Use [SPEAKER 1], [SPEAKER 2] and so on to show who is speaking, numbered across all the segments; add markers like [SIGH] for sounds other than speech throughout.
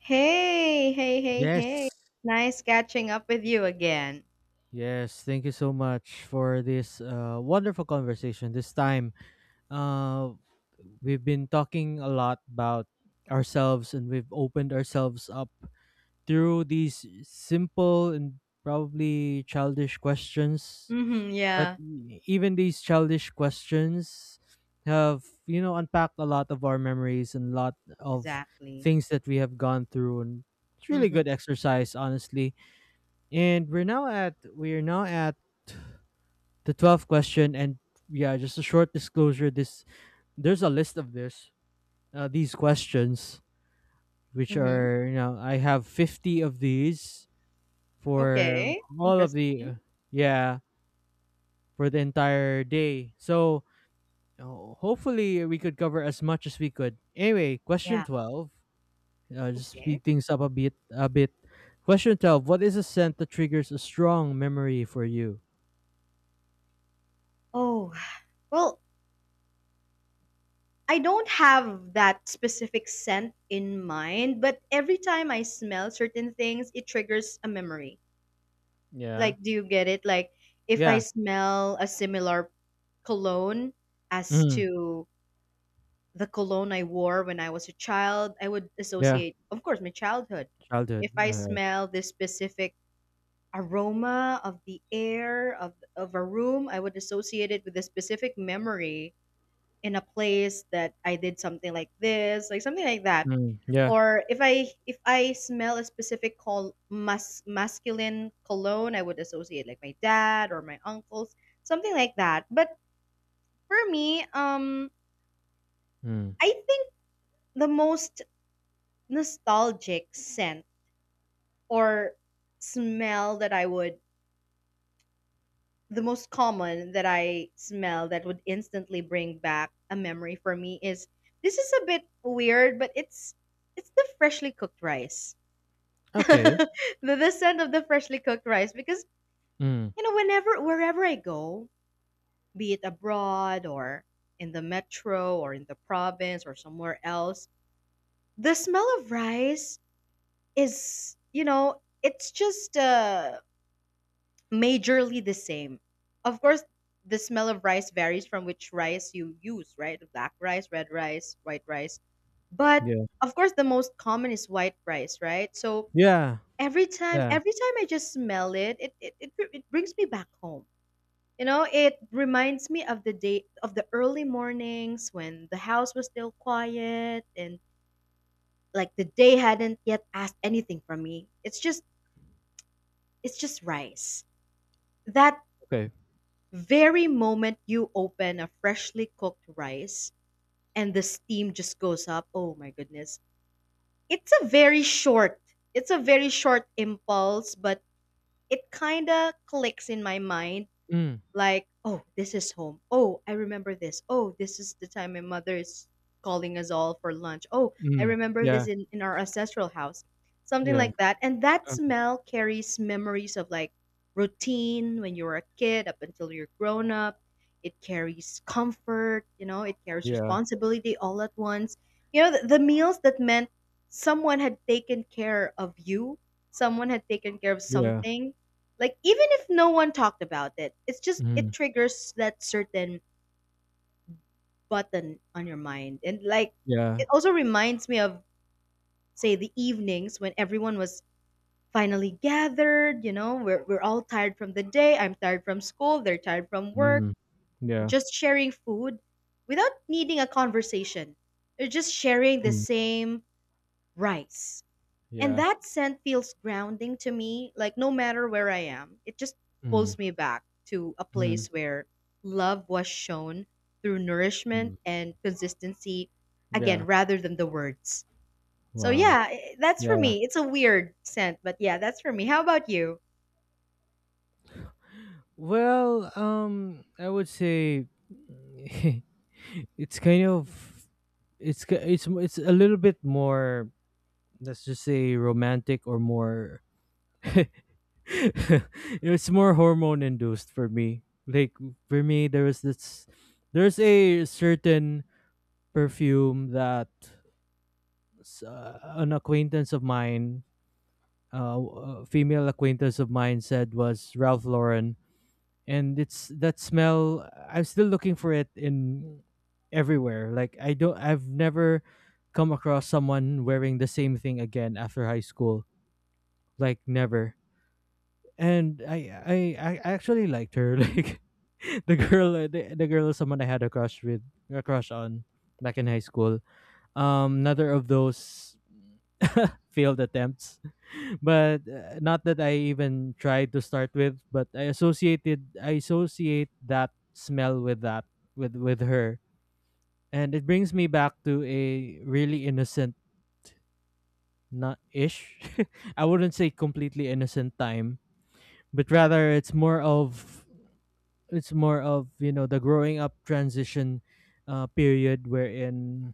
[SPEAKER 1] Hey, hey, hey, hey.
[SPEAKER 2] Yes.
[SPEAKER 1] Nice catching up with you again.
[SPEAKER 2] Yes, thank you so much for this wonderful conversation. This time, uh, we've been talking a lot about ourselves, and we've opened ourselves up through these simple and probably childish questions.
[SPEAKER 1] Mm-hmm,
[SPEAKER 2] But
[SPEAKER 1] yeah,
[SPEAKER 2] even these childish questions have unpacked a lot of our memories and a lot of
[SPEAKER 1] exactly.
[SPEAKER 2] things that we have gone through. And it's really
[SPEAKER 1] Mm-hmm,
[SPEAKER 2] good exercise, honestly. And we're now at the 12th question. And yeah, just a short disclosure, this there's a list of this these questions, which
[SPEAKER 1] mm-hmm.
[SPEAKER 2] are, I have 50 of these for
[SPEAKER 1] Okay,
[SPEAKER 2] all of
[SPEAKER 1] interesting.
[SPEAKER 2] the, yeah, for the entire day. So uh, hopefully we could cover as much as we could. Anyway, question
[SPEAKER 1] Yeah,
[SPEAKER 2] 12, just
[SPEAKER 1] okay.
[SPEAKER 2] speed things up a bit. Question 12, what is a scent that triggers a strong memory for you?
[SPEAKER 1] Oh, well, I don't have that specific scent in mind, but every time I smell certain things, it triggers a memory.
[SPEAKER 2] Yeah.
[SPEAKER 1] Like, do you get it? Like, if I
[SPEAKER 2] Yeah.
[SPEAKER 1] smell a similar cologne as to the cologne I wore when I was a child, I would
[SPEAKER 2] Yeah,
[SPEAKER 1] associate, of course, my childhood.
[SPEAKER 2] childhood.
[SPEAKER 1] If I
[SPEAKER 2] Alright.
[SPEAKER 1] smell this specific aroma of the air of a room, I would associate it with a specific memory in a place that I did something like this, like something like that.
[SPEAKER 2] Mm, yeah.
[SPEAKER 1] Or if I smell a specific masculine cologne, I would associate like my dad or my uncles, something like that. But for me,
[SPEAKER 2] Mm.
[SPEAKER 1] I think the most nostalgic scent or smell that I would, the most common that I smell that would instantly bring back a memory for me is, this is a bit weird, but it's the freshly cooked rice. [LAUGHS]
[SPEAKER 2] Okay.
[SPEAKER 1] the, the scent of the freshly cooked rice, because
[SPEAKER 2] Mm,
[SPEAKER 1] whenever, wherever I go, be it abroad or in the metro or in the province or somewhere else, the smell of rice is, it's just majorly the same. Of course, the smell of rice varies from which rice you use, right? Black rice, red rice, white rice. But
[SPEAKER 2] yeah.
[SPEAKER 1] of course, the most common is white rice, right? So
[SPEAKER 2] Yeah, yeah,
[SPEAKER 1] every time I just smell it, it brings me back home. You know, it reminds me of the day, of the early mornings when the house was still quiet and like the day hadn't yet asked anything from me. It's just, it's just rice. That
[SPEAKER 2] okay.
[SPEAKER 1] very moment you open a freshly cooked rice and the steam just goes up, oh my goodness, it's a very short, it's a very short impulse, but it kind of clicks in my mind
[SPEAKER 2] Mm,
[SPEAKER 1] like, oh, this is home, oh, I remember this, oh, this is the time my mother is calling us all for lunch, oh, I
[SPEAKER 2] mm,
[SPEAKER 1] remember this
[SPEAKER 2] yeah,
[SPEAKER 1] in our ancestral house, something
[SPEAKER 2] yeah,
[SPEAKER 1] like that. And that
[SPEAKER 2] uh,
[SPEAKER 1] smell carries memories of like routine when you were a kid up until you're grown up. It carries comfort, you know it carries
[SPEAKER 2] yeah,
[SPEAKER 1] responsibility all at once, you know, the meals that meant someone had taken care of you, someone had taken care of
[SPEAKER 2] yeah,
[SPEAKER 1] something, like even if no one talked about it, it's just,
[SPEAKER 2] mm,
[SPEAKER 1] it triggers that certain button on your mind. And like,
[SPEAKER 2] yeah,
[SPEAKER 1] it also reminds me of, say, the evenings when everyone was finally gathered, you know, we're all tired from the day, I'm tired from school, they're tired from work,
[SPEAKER 2] mm, yeah,
[SPEAKER 1] just sharing food without needing a conversation. They're just sharing the
[SPEAKER 2] mm,
[SPEAKER 1] same rice. And
[SPEAKER 2] yeah,
[SPEAKER 1] that scent feels grounding to me. Like, no matter where I am, it just
[SPEAKER 2] mm,
[SPEAKER 1] pulls me back to a
[SPEAKER 2] mm,
[SPEAKER 1] place where love was shown through
[SPEAKER 2] mm,
[SPEAKER 1] nourishment and consistency,
[SPEAKER 2] yeah.
[SPEAKER 1] again, rather than the words. So,
[SPEAKER 2] Wow.
[SPEAKER 1] yeah, that's for
[SPEAKER 2] Yeah.
[SPEAKER 1] me. It's a weird scent, but yeah, that's for me. How about you?
[SPEAKER 2] Well, I would say, [LAUGHS] it's kind of it's a little bit more, let's just say romantic, or more. [LAUGHS] [LAUGHS] It's more hormone induced for me. Like for me, there's a certain perfume that an acquaintance of mine, a female acquaintance of mine, said was Ralph Lauren, and it's that smell. I'm still looking for it, in everywhere. Like I don't, I've never come across someone wearing the same thing again after high school. Like never. And I actually liked her. [LAUGHS] Like the girl is someone I had a crush with, a crush on, back in high school. Another of those [LAUGHS] failed attempts, but not that I even tried to start with. But I associate that smell with that with her, and it brings me back to a really innocent, not ish, [LAUGHS] I wouldn't say completely innocent, time. But rather, it's more of, the growing up transition period, wherein,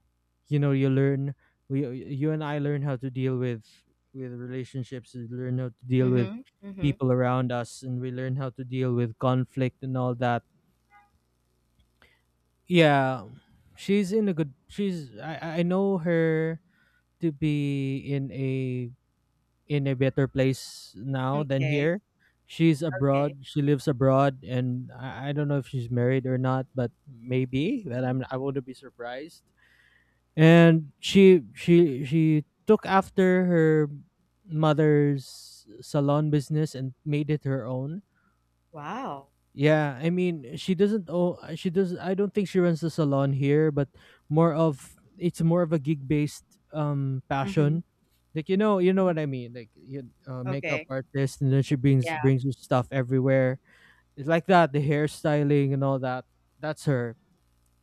[SPEAKER 2] you learn, we you and I learn how to deal with relationships, we learn how to
[SPEAKER 1] Mm
[SPEAKER 2] deal with
[SPEAKER 1] hmm. Mm
[SPEAKER 2] people around us, and we learn how to deal with conflict and all that. Yeah, she's in a good she's, I know her to be in a better place
[SPEAKER 1] hmm.
[SPEAKER 2] now than
[SPEAKER 1] Okay.
[SPEAKER 2] here. She's
[SPEAKER 1] Okay.
[SPEAKER 2] abroad. She lives abroad, and I don't know if she's married or not, but maybe. But I wouldn't be surprised. And she took after her mother's salon business and made it her own.
[SPEAKER 1] Wow.
[SPEAKER 2] Yeah, I mean, she doesn't, oh she does, I don't think she runs the salon here, but more of it's more of a gig-based,
[SPEAKER 1] Mm hmm.
[SPEAKER 2] passion. Like, you know what I mean. Like you, makeup
[SPEAKER 1] Okay.
[SPEAKER 2] artist, and then she brings
[SPEAKER 1] Yeah.
[SPEAKER 2] brings you stuff everywhere. It's like that, the hairstyling and all that. That's her.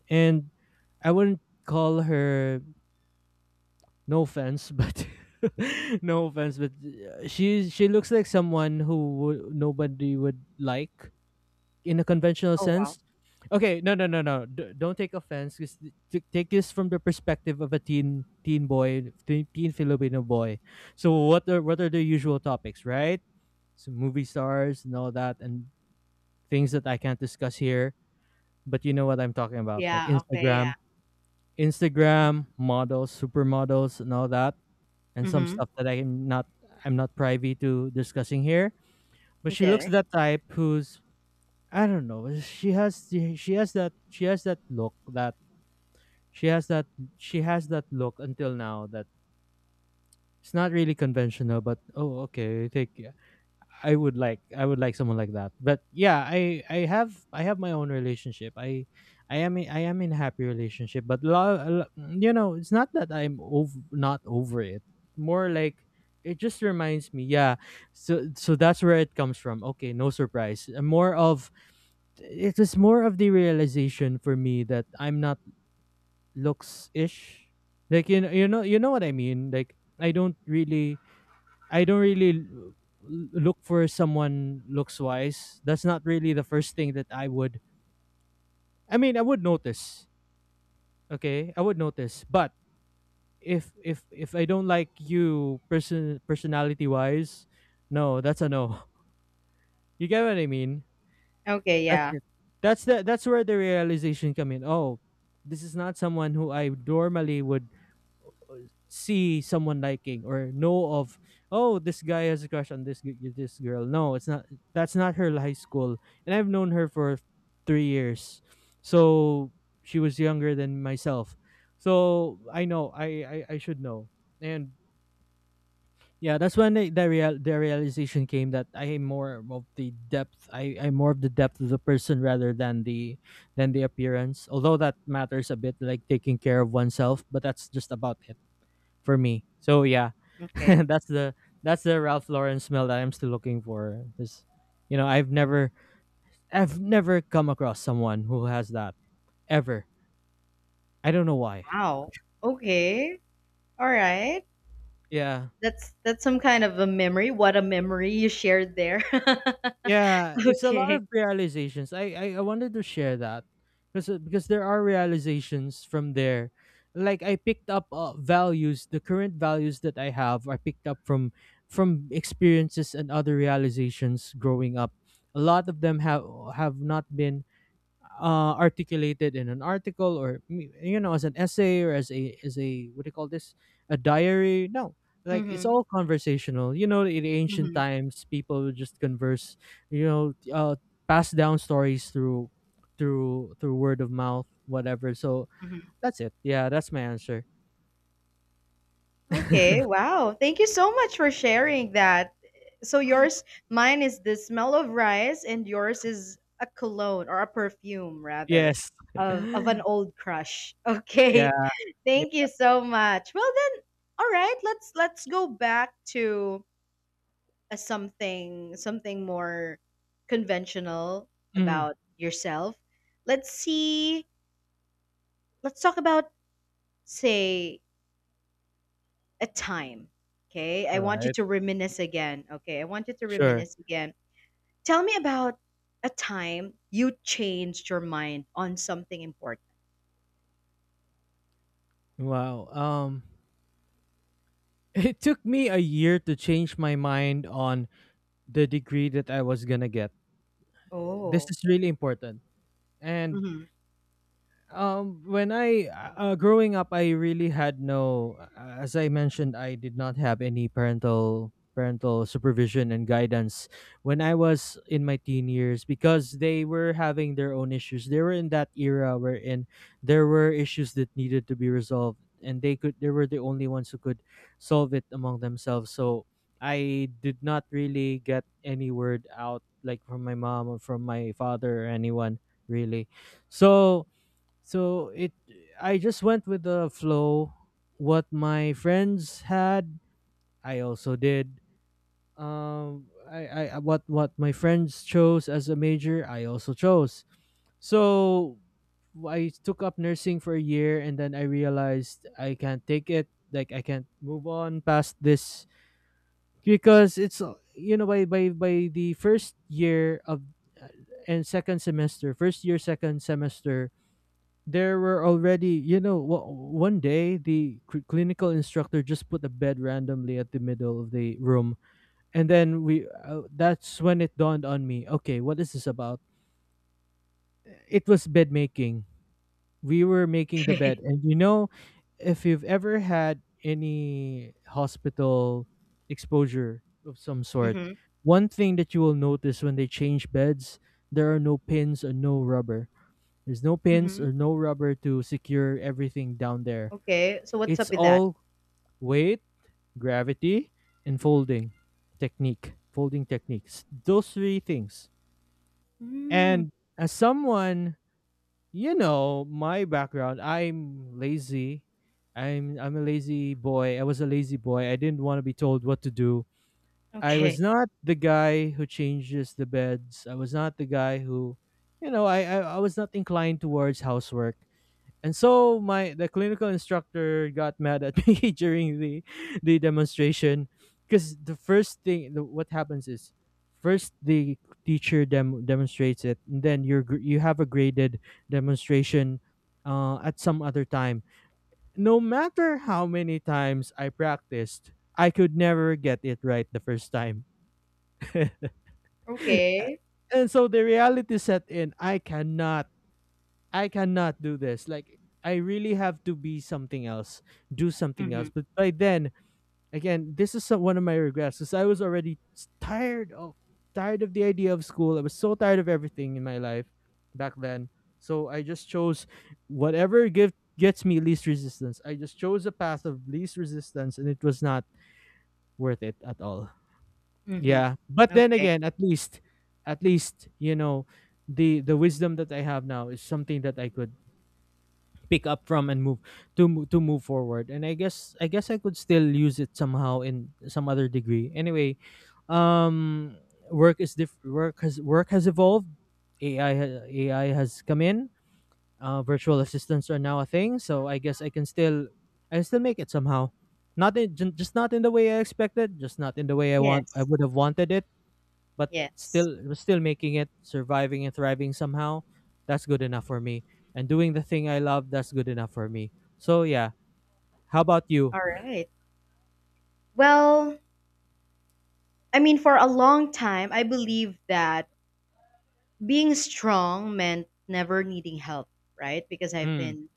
[SPEAKER 2] And I wouldn't call her, no offense, but, [LAUGHS] no offense, but she looks like someone who would, nobody would like, in a conventional
[SPEAKER 1] Oh, wow.
[SPEAKER 2] sense. Okay, no, no, no, no. Don't take offense. Cause take this from the perspective of a teen, teen boy, teen, teen Filipino boy. So what are the usual topics, right? So movie stars and all that, and things that I can't discuss here. But you know what I'm talking about, like
[SPEAKER 1] Yeah. Okay. Yeah.
[SPEAKER 2] Instagram models, supermodels, and all that, and some
[SPEAKER 1] Mm
[SPEAKER 2] stuff that I'm not privy to discussing here. But
[SPEAKER 1] hmm.
[SPEAKER 2] she looks
[SPEAKER 1] Okay.
[SPEAKER 2] that type who's, I don't know. She has she has that, she has that look, that she has that, she has that look until now, that it's not really conventional. But oh okay, take, I would like someone like that. But yeah, I have my own relationship. I am in a happy relationship, but it's not that I'm over, not over it. More like, it just reminds me, yeah. so that's where it comes from. Okay, no surprise. More of it was more of the realization for me that I'm not looks ish. Like, you know what I mean. Like I don't really look for someone looks wise. That's not really the first thing that I would. I mean, I would notice. Okay, I would notice. But if I don't like you, personality wise, no, that's a no. [LAUGHS] You get what I mean?
[SPEAKER 1] Okay.
[SPEAKER 2] That's
[SPEAKER 1] Yeah.
[SPEAKER 2] it. That's where the realization come in. Oh, this is not someone who I normally would, see someone liking, or know of. Oh, this guy has a crush on this this girl. No, it's not. That's not her, high school, and I've known her for 3 years, so she was younger than myself. So I know, I should know. And yeah, that's when the realization came, that I am more of the depth. I'm more of the depth of the person rather than the appearance. Although that matters a bit, like taking care of oneself, but that's just about it for me. So yeah, [LAUGHS]
[SPEAKER 1] Okay.
[SPEAKER 2] that's the that's the Ralph Lauren smell that I'm still looking for. Because, you know, I've never come across someone who has that, ever. I don't know why.
[SPEAKER 1] Wow. Okay. All right.
[SPEAKER 2] Yeah.
[SPEAKER 1] That's some kind of a memory. What a memory you shared there.
[SPEAKER 2] Yeah,
[SPEAKER 1] [LAUGHS]
[SPEAKER 2] it's a lot
[SPEAKER 1] Okay.
[SPEAKER 2] of realizations. I wanted to share that, because there are realizations from there. Like I picked up, values, the current values that I have, I picked up from, experiences and other realizations growing up. A lot of them have not been articulated in an article, or as an essay, or as a what do you call this, a diary, no. Like it's
[SPEAKER 1] Mhm.
[SPEAKER 2] all conversational, you know. In ancient
[SPEAKER 1] Mhm.
[SPEAKER 2] times, people would just converse, you know, pass down stories through word of mouth, whatever. So
[SPEAKER 1] Mhm.
[SPEAKER 2] that's it, yeah, that's my answer.
[SPEAKER 1] Okay. Wow. Thank you so much for sharing that. So yours, mine is the smell of rice and yours is a cologne or a perfume rather
[SPEAKER 2] Yes.
[SPEAKER 1] of an old crush.
[SPEAKER 2] Yeah,
[SPEAKER 1] Okay. [LAUGHS]
[SPEAKER 2] yeah.
[SPEAKER 1] Thank you so much. Well then, all right, let's go back to a, something, something more conventional
[SPEAKER 2] Mhm.
[SPEAKER 1] about yourself. Let's see, let's talk about, say, a time. Okay, I
[SPEAKER 2] all
[SPEAKER 1] want you
[SPEAKER 2] right
[SPEAKER 1] to reminisce again. Okay, I want you to
[SPEAKER 2] sure.
[SPEAKER 1] reminisce again. Tell me about a time you changed your mind on something important.
[SPEAKER 2] Wow, [LAUGHS] it took me a year to change my mind on the degree that I was gonna get. This
[SPEAKER 1] Oh,
[SPEAKER 2] is really important. And
[SPEAKER 1] mm-hmm.
[SPEAKER 2] when I, growing up, I really had no, as I mentioned, I did not have any parental supervision and guidance when I was in my teen years, because they were having their own issues. They were in that era wherein there were issues that needed to be resolved, and they were the only ones who could solve it among themselves. So I did not really get any word out, like from my mom, or from my father, or anyone, really. So so it I just went with the flow. What my friends had, I also did. I what my friends chose as a major, I also chose. So I took up nursing for a year, and then I realized I can't take it. Like I can't move on past this because it's, by the first year of, uh, and second semester, first year, second semester, there were already, one day the clinical instructor just put a bed randomly at the middle of the room, and then we. That's when it dawned on me. Okay, what is this about? It was bed making. We were making the
[SPEAKER 1] Okay.
[SPEAKER 2] bed, and, you know, if you've ever had any hospital exposure of some
[SPEAKER 1] [LAUGHS]
[SPEAKER 2] sort,
[SPEAKER 1] Mm-hmm.
[SPEAKER 2] one thing that you will notice when they change beds, there are no pins and no rubber. There's no pins
[SPEAKER 1] Mm-hmm.
[SPEAKER 2] or no rubber to secure everything down there.
[SPEAKER 1] Okay, so what's up
[SPEAKER 2] It's
[SPEAKER 1] with that?
[SPEAKER 2] all weight, gravity, and folding technique. Folding techniques. Those three things.
[SPEAKER 1] Mm,
[SPEAKER 2] And as someone, you know, my background, I'm lazy. I'm a lazy boy. I was a lazy boy. I didn't want to be told what to do. I was
[SPEAKER 1] okay.
[SPEAKER 2] not the guy who changes the beds. I was not the guy who, you know, I was not inclined towards housework. And so, my the clinical instructor got mad at [LAUGHS] me during the demonstration, because the first thing, what happens is, first the teacher demonstrates it, and then you're you have a graded demonstration, at some other time. No matter how many times I practiced, I could never get it right the first time. [LAUGHS] And
[SPEAKER 1] Okay.
[SPEAKER 2] so the reality set in. I cannot do this. Like I really have to be something else, do something
[SPEAKER 1] Mm-hmm.
[SPEAKER 2] else. But by then, again, this is one of my regrets, because I was already tired of, the idea of school. I was so tired of everything in my life back then. So I just chose whatever give, gets me least resistance. I just chose a path of least resistance, and it was not worth it at all.
[SPEAKER 1] Mm-hmm.
[SPEAKER 2] Yeah, but then
[SPEAKER 1] Okay.
[SPEAKER 2] again, at least, at least you know, the wisdom that I have now is something that I could pick up from and move to move forward. And I guess I could still use it somehow in some other degree anyway. um Work has work has evolved. AI has come in. Virtual assistants are now a thing, so I guess I can still, I can still make it somehow, not in, ju- just not in the way I expected, just not in the way I
[SPEAKER 1] Yes.
[SPEAKER 2] would have wanted it. But
[SPEAKER 1] Yes.
[SPEAKER 2] still making it, surviving and thriving somehow, that's good enough for me. And doing the thing I love, that's good enough for me. So yeah, how about you?
[SPEAKER 1] All right. Well, I mean, for a long time, I believe that being strong meant never needing help, right? Because I've
[SPEAKER 2] Mm,
[SPEAKER 1] been,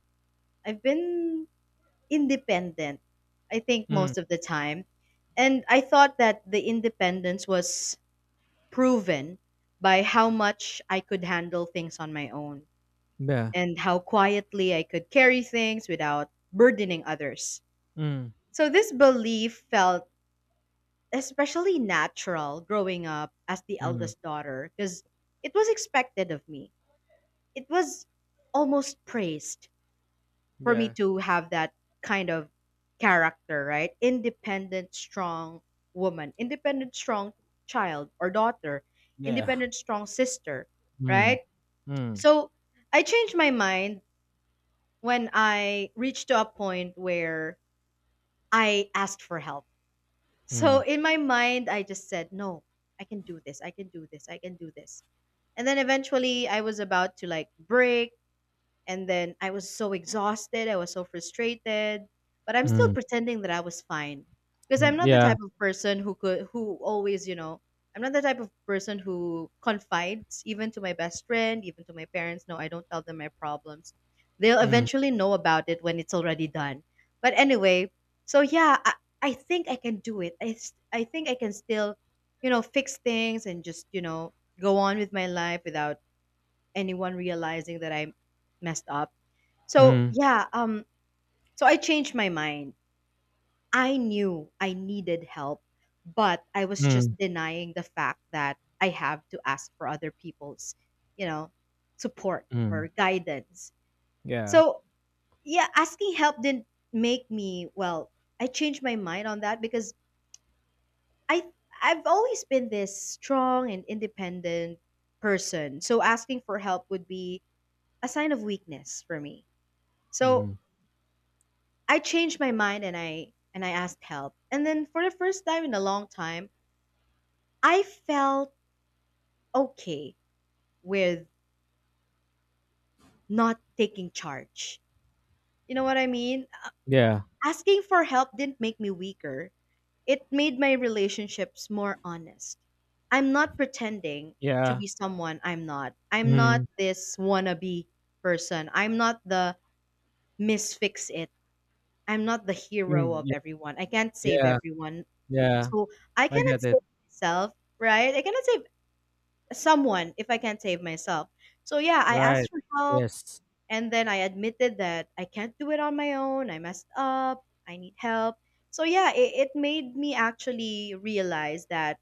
[SPEAKER 1] I've been independent. I think
[SPEAKER 2] mm,
[SPEAKER 1] most of the time, and I thought that the independence was proven by how much I could handle things on my own
[SPEAKER 2] yeah,
[SPEAKER 1] and how quietly I could carry things without burdening others.
[SPEAKER 2] Mm,
[SPEAKER 1] So this belief felt especially natural growing up as the
[SPEAKER 2] mm,
[SPEAKER 1] eldest daughter, because it was expected of me. It was almost praised for me
[SPEAKER 2] yeah,
[SPEAKER 1] to have that kind of character, right? Independent, strong woman, independent, strong child or daughter,
[SPEAKER 2] yeah,
[SPEAKER 1] independent, strong sister,
[SPEAKER 2] mm,
[SPEAKER 1] right?
[SPEAKER 2] mm,
[SPEAKER 1] So I changed my mind when I reached to a point where I asked for help. So
[SPEAKER 2] mm,
[SPEAKER 1] in my mind, I just said, no, I can do this. I can do this. I can do this. And then eventually I was about to like break. And then I was so exhausted, I was so frustrated, but I'm still
[SPEAKER 2] mm,
[SPEAKER 1] pretending that I was fine, because I'm not the
[SPEAKER 2] yeah,
[SPEAKER 1] type of person who could, who always, you know, I'm not the type of person who confides even to my best friend, even to my parents. No, I don't tell them my problems. They'll
[SPEAKER 2] mm,
[SPEAKER 1] eventually know about it when it's already done. But anyway, so yeah, I think I can do it. I think I can still, you know, fix things and just, you know, go on with my life without anyone realizing that I messed up. So
[SPEAKER 2] mm,
[SPEAKER 1] yeah, so I changed my mind. I knew I needed help, but I was
[SPEAKER 2] mm,
[SPEAKER 1] just denying the fact that I have to ask for other people's, you know, support or
[SPEAKER 2] mm,
[SPEAKER 1] guidance.
[SPEAKER 2] yeah,
[SPEAKER 1] So yeah, asking help didn't make me well. I changed my mind on that because I, I've always been this strong and independent person. So asking for help would be a sign of weakness for me. So
[SPEAKER 2] mm,
[SPEAKER 1] I changed my mind and I asked help. And then for the first time in a long time, I felt okay with not taking charge. You know what I mean?
[SPEAKER 2] yeah,
[SPEAKER 1] Asking for help didn't make me weaker. It made my relationships more honest. I'm not pretending to
[SPEAKER 2] yeah,
[SPEAKER 1] be someone I'm not. I'm not
[SPEAKER 2] mm,
[SPEAKER 1] this wannabe person. I'm not the misfix it. I'm not the hero
[SPEAKER 2] mm,
[SPEAKER 1] of
[SPEAKER 2] yeah,
[SPEAKER 1] everyone. I can't save
[SPEAKER 2] yeah,
[SPEAKER 1] everyone.
[SPEAKER 2] yeah,
[SPEAKER 1] So I
[SPEAKER 2] I
[SPEAKER 1] cannot
[SPEAKER 2] get it.
[SPEAKER 1] save myself, right? I cannot save someone if I can't save myself. So yeah, I
[SPEAKER 2] Right.
[SPEAKER 1] asked for help
[SPEAKER 2] Yes.
[SPEAKER 1] and then I admitted that I can't do it on my own. I messed up. I need help. So yeah, it made me actually realize that,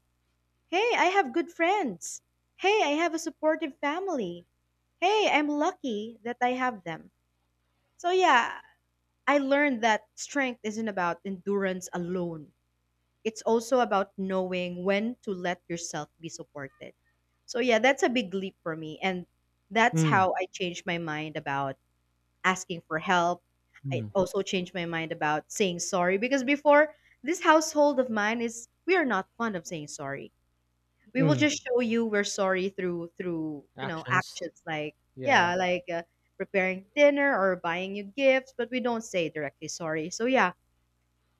[SPEAKER 1] hey, I have good friends. Hey, I have a supportive family. Hey, I'm lucky that I have them. So yeah, I learned that strength isn't about endurance alone, it's also about knowing when to let yourself be supported. So yeah, that's a big leap for me and that's
[SPEAKER 2] Mm,
[SPEAKER 1] how I changed my mind about asking for help. I
[SPEAKER 2] mm,
[SPEAKER 1] also changed my mind about saying sorry, because before, this household of mine is, we are not fond of saying sorry. We will
[SPEAKER 2] mm.
[SPEAKER 1] just show you we're sorry through you know,
[SPEAKER 2] Actions.
[SPEAKER 1] actions like,
[SPEAKER 2] Yeah.
[SPEAKER 1] yeah, like preparing dinner or buying you gifts, but we don't say directly sorry. So yeah,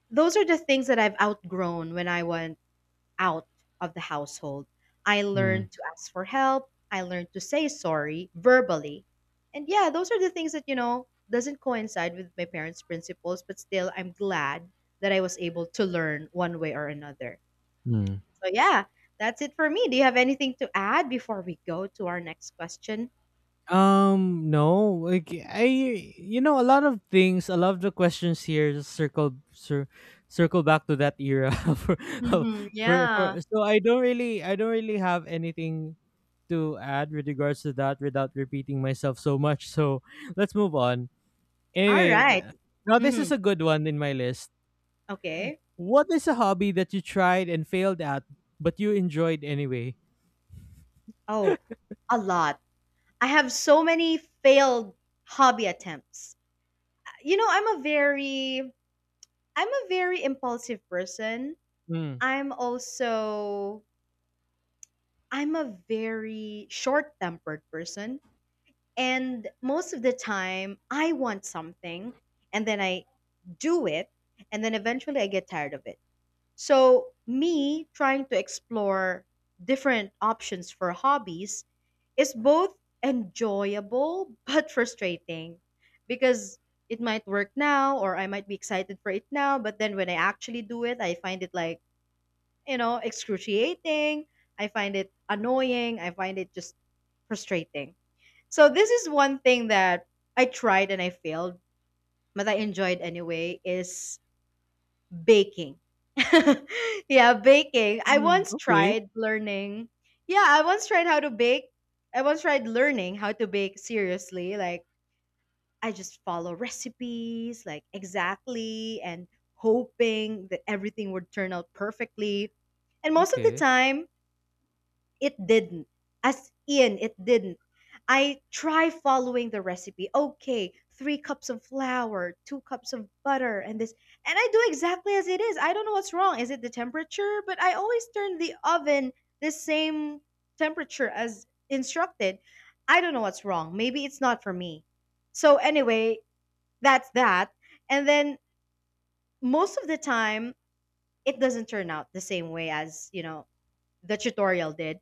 [SPEAKER 1] those are the things that I've outgrown when I was out of the household. I
[SPEAKER 2] Mm,
[SPEAKER 1] learned to ask for help. I learned to say sorry verbally. And yeah, those are the things that, you know, doesn't coincide with my parents' principles, but still I'm glad that I was able to learn one way or another.
[SPEAKER 2] mm.
[SPEAKER 1] So yeah, that's it for me. Do you have anything to add before we go to our next question?
[SPEAKER 2] No, like I, a lot of things, a lot of the questions here just circle, cir- circle back to that era [LAUGHS]
[SPEAKER 1] Mm-hmm. Yeah.
[SPEAKER 2] for. So I don't really have anything to add with regards to that without repeating myself so much. So let's move on.
[SPEAKER 1] All
[SPEAKER 2] Anyway,
[SPEAKER 1] right.
[SPEAKER 2] now this is
[SPEAKER 1] Mm-hmm.
[SPEAKER 2] a good one in my list.
[SPEAKER 1] Okay.
[SPEAKER 2] What is a hobby that you tried and failed at, but you enjoyed anyway?
[SPEAKER 1] Oh, a lot. I have so many failed hobby attempts. You know, I'm a very, I'm a very impulsive person.
[SPEAKER 2] Mm.
[SPEAKER 1] I'm also, I'm a very short-tempered person and most of the time I want something and then I do it and then eventually I get tired of it. So, me trying to explore different options for hobbies is both enjoyable [LAUGHS] but frustrating, because it might work now or I might be excited for it now, but then when I actually do it, I find it like, you know, excruciating. I find it annoying. I find it just frustrating. So, this is one thing that I tried and I failed, but I enjoyed anyway is baking. [LAUGHS] Yeah, baking. I
[SPEAKER 2] Mm,
[SPEAKER 1] once
[SPEAKER 2] okay.
[SPEAKER 1] tried learning. Yeah, I once tried how to bake. I once tried learning how to bake seriously. Like, I just follow recipes, like, exactly, and hoping that everything would turn out perfectly. And most of the
[SPEAKER 2] Okay.
[SPEAKER 1] time, it didn't. As in, it didn't. I try following the recipe. Okay, three cups of flour, two cups of butter, and this. And I do exactly as it is. I don't know what's wrong. Is it the temperature? But I always turn the oven the same temperature as instructed. I don't know what's wrong. Maybe it's not for me. So, anyway, that's that. And then most of the time, it doesn't turn out the same way as, the tutorial did.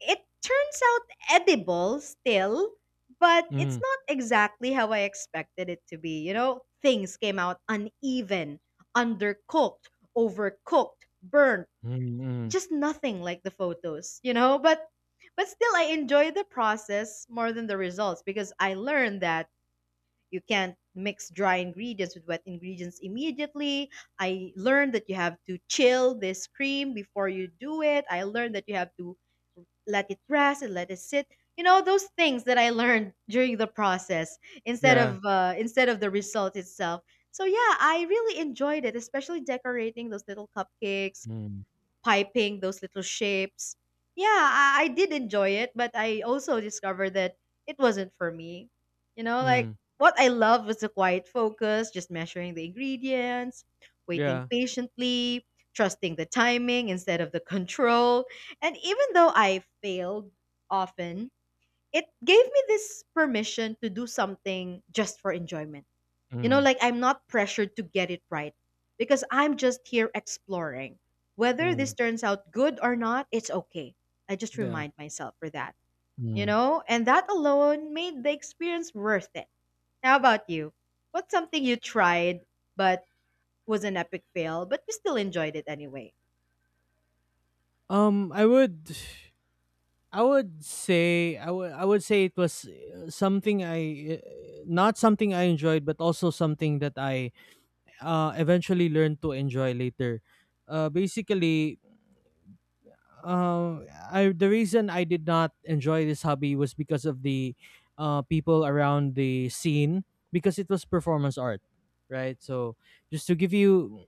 [SPEAKER 1] It turns out edible still, but it's
[SPEAKER 2] Mm.
[SPEAKER 1] not exactly how I expected it to be. You know, things came out uneven, undercooked, overcooked, burnt,
[SPEAKER 2] Mm, mm.
[SPEAKER 1] just nothing like the photos? But still I enjoy the process more than the results because I learned that you can't mix dry ingredients with wet ingredients immediately. I learned that you have to chill this cream before you do it. I learned that you have to let it rest and let it sit. You know those things that I learned during the process
[SPEAKER 2] Yeah.
[SPEAKER 1] instead of the result itself. So yeah, I really enjoyed it, especially decorating those little cupcakes
[SPEAKER 2] Mm.
[SPEAKER 1] piping those little shapes. Yeah, I did enjoy it, but I also discovered that it wasn't for me. You know, like
[SPEAKER 2] Mm.
[SPEAKER 1] what I loved was the quiet focus, just measuring the ingredients, waiting
[SPEAKER 2] Yeah.
[SPEAKER 1] patiently, trusting the timing instead of the control. And even though I failed often, it gave me this permission to do something just for enjoyment, you know,
[SPEAKER 2] Mm.
[SPEAKER 1] like I'm not pressured to get it right because I'm just here exploring. Whether this
[SPEAKER 2] Mm.
[SPEAKER 1] turns out good or not, it's okay. I just
[SPEAKER 2] Yeah.
[SPEAKER 1] remind myself for that, you
[SPEAKER 2] Mm.
[SPEAKER 1] know? And that alone made the experience worth it. How about you? What's something you tried but was an epic fail, but you still enjoyed it anyway?
[SPEAKER 2] I would, I would say it was something not something I enjoyed, but also something that I eventually learned to enjoy later. Basically, uh, I the reason I did not enjoy this hobby was because of the people around the scene, because it was performance art, right? So just to give you,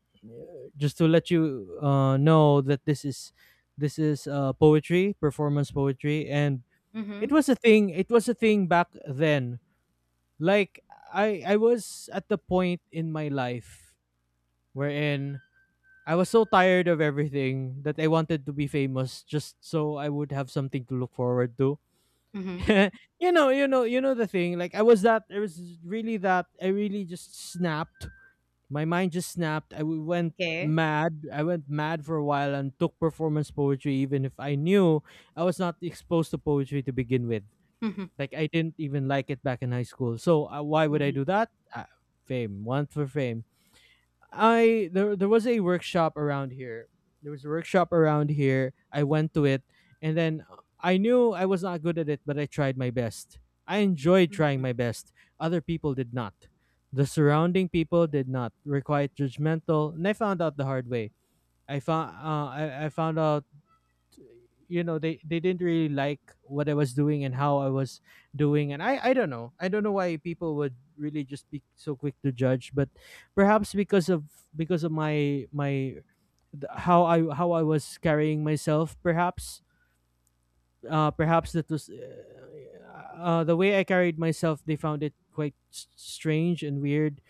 [SPEAKER 2] just to let you know that this is poetry, performance poetry, and
[SPEAKER 1] Mm-hmm.
[SPEAKER 2] it was a thing. It was a thing back then. Like I was at the point in my life wherein I was so tired of everything that I wanted to be famous just so I would have something to look forward to.
[SPEAKER 1] Mm-hmm.
[SPEAKER 2] [LAUGHS] You know the thing. Like I was that I was really that I really just snapped. My mind just snapped. Went
[SPEAKER 1] Okay.
[SPEAKER 2] mad. I went mad for a while and took performance poetry even if I knew I was not exposed to poetry to begin with.
[SPEAKER 1] Mm-hmm.
[SPEAKER 2] Like I didn't even like it back in high school. So why would I do that? Fame, want for fame. I There was a workshop around here. There was a workshop around here. I went to it, and then I knew I was not good at it, but I tried my best. I enjoyed trying
[SPEAKER 1] Mm-hmm.
[SPEAKER 2] my best. Other people did not. The surrounding people did not. Were quite judgmental, and I found out the hard way. I found out, you know, they didn't really like what I was doing and how I was doing. And I don't know, I don't know why people would really just be so quick to judge, but perhaps because of, because of my my how I, how I was carrying myself perhaps. Perhaps that was the way I carried myself. They found it quite strange and weird,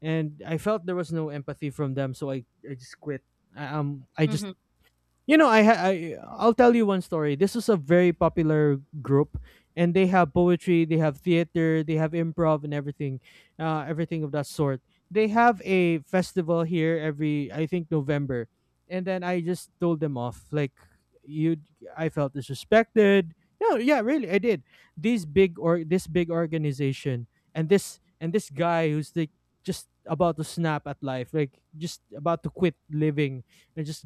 [SPEAKER 2] and I felt there was no empathy from them, so I just quit. I just
[SPEAKER 1] Mm-hmm.
[SPEAKER 2] you know, I I'll tell you one story. This is a very popular group, and they have poetry, they have theater, they have improv, and everything, everything of that sort. They have a festival here every, I think, November, and then I just told them off. Like you, I felt disrespected. No, yeah, really, I did. These big or this big organization, and this guy who's like just about to snap at life, like just about to quit living, and just,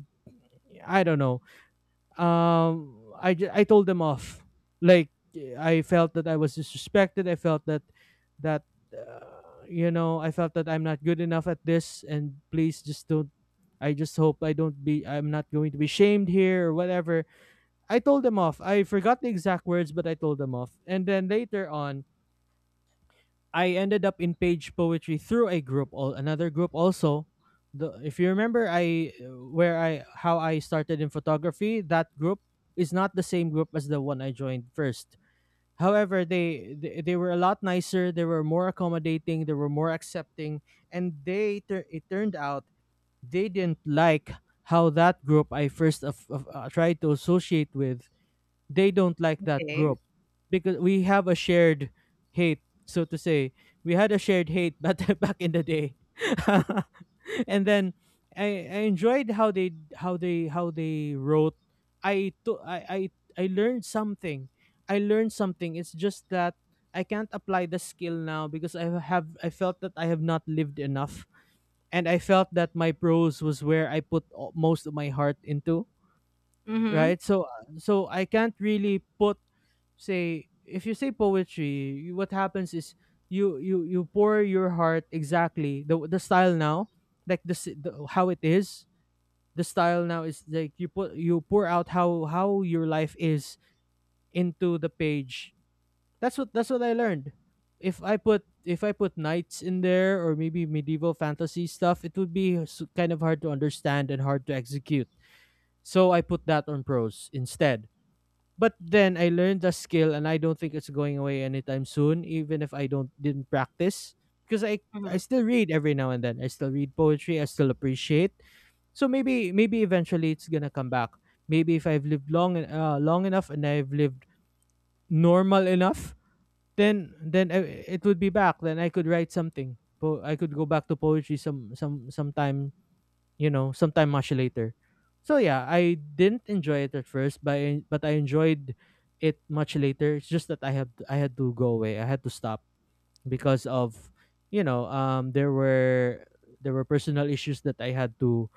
[SPEAKER 2] I don't know, I told them off. Like I felt that I was disrespected. I felt that, you know, I felt that I'm not good enough at this, and please just don't, I just hope I don't be I'm not going to be shamed here or whatever. I told them off. I forgot the exact words, but I told them off. And then later on I ended up in page poetry through a group all another group also. The If you remember I where I, how I started in photography, that group is not the same group as the one I joined first. However, they were a lot nicer, they were more accommodating, they were more accepting, and it turned out they didn't like how that group I first tried to associate with, they don't like that
[SPEAKER 1] Okay.
[SPEAKER 2] group because we have a shared hate, so to say. We had a shared hate but [LAUGHS] back in the day. [LAUGHS] And then I enjoyed how they wrote. I to, I, I learned something. I learned something. It's just that I can't apply the skill now because I felt that I have not lived enough, and I felt that my prose was where I put most of my heart into,
[SPEAKER 1] Mm-hmm.
[SPEAKER 2] right? So so I can't really put, say if you say poetry, what happens is you pour your heart exactly. The style now, like the how it is, the style now is like you put, you pour out how your life is into the page. That's what, that's what I learned. If I put knights in there, or maybe medieval fantasy stuff, it would be kind of hard to understand and hard to execute, so I put that on prose instead. But then I learned the skill, and I don't think it's going away anytime soon, even if I don't didn't practice. Because I
[SPEAKER 1] Mm-hmm.
[SPEAKER 2] I still read every now and then. I still read poetry, I still appreciate. So maybe, maybe eventually it's gonna come back. Maybe if I've lived long enough and I've lived normal enough, then it would be back. Then I could write something. I could go back to poetry sometime, you know, sometime much later. So yeah, I didn't enjoy it at first, but but I enjoyed it much later. It's just that I had to go away. I had to stop because of, you know, there were, there were personal issues that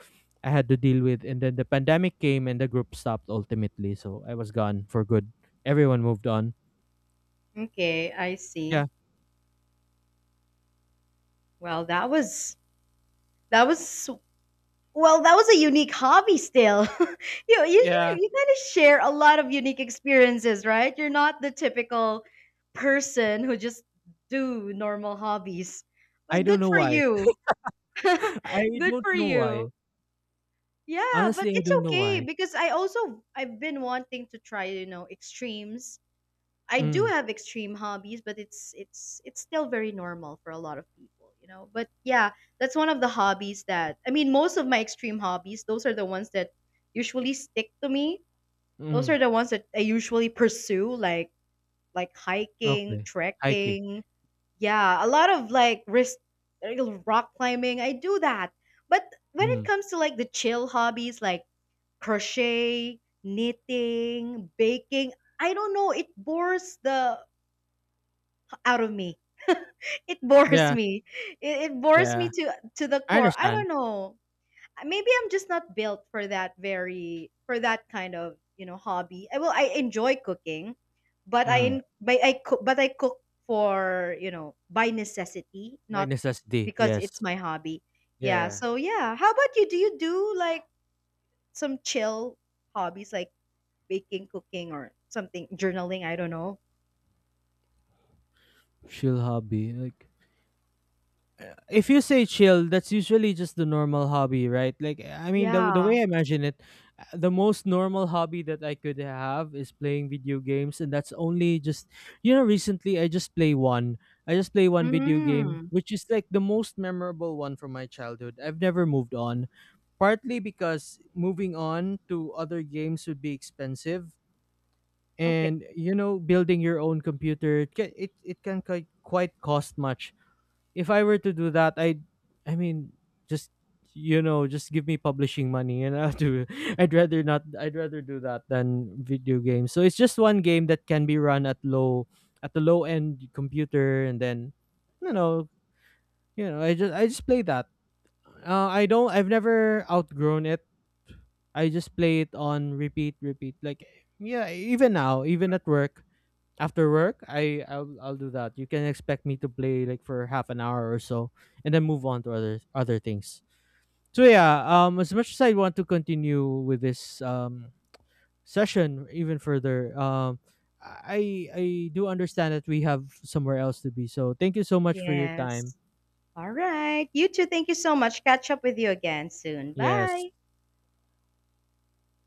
[SPEAKER 2] I had to deal with, and then the pandemic came and the group stopped ultimately. So I was gone for good. Everyone moved on.
[SPEAKER 1] Okay, I
[SPEAKER 2] Yeah,
[SPEAKER 1] see. Well, that was Well, that was a unique hobby still. [LAUGHS]
[SPEAKER 2] yeah.
[SPEAKER 1] You kind of share a lot of unique experiences, right? You're not the typical person who just do normal hobbies.
[SPEAKER 2] I
[SPEAKER 1] But good
[SPEAKER 2] don't know
[SPEAKER 1] for
[SPEAKER 2] why.
[SPEAKER 1] you.
[SPEAKER 2] [LAUGHS]
[SPEAKER 1] [LAUGHS]
[SPEAKER 2] I
[SPEAKER 1] Good
[SPEAKER 2] don't
[SPEAKER 1] for
[SPEAKER 2] know why.
[SPEAKER 1] you. Yeah, but
[SPEAKER 2] Honestly, I
[SPEAKER 1] it's
[SPEAKER 2] don't know
[SPEAKER 1] okay
[SPEAKER 2] why.
[SPEAKER 1] because I also I've been wanting to try, you know, extremes. I do
[SPEAKER 2] Mm,
[SPEAKER 1] have extreme hobbies, but it's still very normal for a lot of people, you know. But yeah, that's one of the hobbies that I mean, most of my extreme hobbies, those are the ones that usually stick to me. Those are
[SPEAKER 2] mm.
[SPEAKER 1] the ones that I usually pursue, like hiking,
[SPEAKER 2] Okay. Hiking.
[SPEAKER 1] trekking. Yeah, a lot of like risk, rock climbing. I do that. But when it
[SPEAKER 2] Mm.
[SPEAKER 1] comes to like the chill hobbies like crochet, knitting, baking, I don't know, it bores the out of me. [LAUGHS] It bores
[SPEAKER 2] Yeah,
[SPEAKER 1] me. It bores me
[SPEAKER 2] yeah.
[SPEAKER 1] to the
[SPEAKER 2] I
[SPEAKER 1] core. I
[SPEAKER 2] understand.
[SPEAKER 1] don't know. Maybe I'm just not built for that, very for that kind of you know hobby. I, well, I enjoy cooking, but I in
[SPEAKER 2] Mm.
[SPEAKER 1] but I cook for you know by necessity,
[SPEAKER 2] By
[SPEAKER 1] not
[SPEAKER 2] necessity,
[SPEAKER 1] because it's
[SPEAKER 2] yes.
[SPEAKER 1] my hobby. Yeah.
[SPEAKER 2] Yeah.
[SPEAKER 1] So yeah. How about you? Do you do like some chill hobbies like baking, cooking, or something journaling? I don't know.
[SPEAKER 2] Chill hobby. Like, uh, if you say chill, that's usually just the normal hobby, right? Like eh, I mean, the
[SPEAKER 1] Yeah.
[SPEAKER 2] way I imagine it, the most normal hobby that I could have is playing video games, and that's only just, you know. Recently, I just play one. I just play one video game,
[SPEAKER 1] Mm.
[SPEAKER 2] which is like the most memorable one from my childhood. I've never moved on, partly because moving on to other games would be expensive.
[SPEAKER 1] Okay.
[SPEAKER 2] And you know, building your own computer, it can, it can quite, quite cost much. If I were to do that, I mean just, you know, just give me publishing money and I'll do [LAUGHS] I'd rather not, I'd rather do that than video games. So it's just one game that can be run at low, at the low end computer, and then, you know, you know, I just play that. I don't, I've never outgrown it. I just play it on repeat like. Yeah, even now, even at work, after work, I'll do that. You can expect me to play like for 1/2 an hour or so, and then move on to other things. So yeah, as much as I want to continue with this session even further, I do understand that we have somewhere else to be, so thank you so much for your time.
[SPEAKER 1] Yes. All right. You too. Thank you so much. Catch up with you again soon.
[SPEAKER 2] Yes.
[SPEAKER 1] Bye.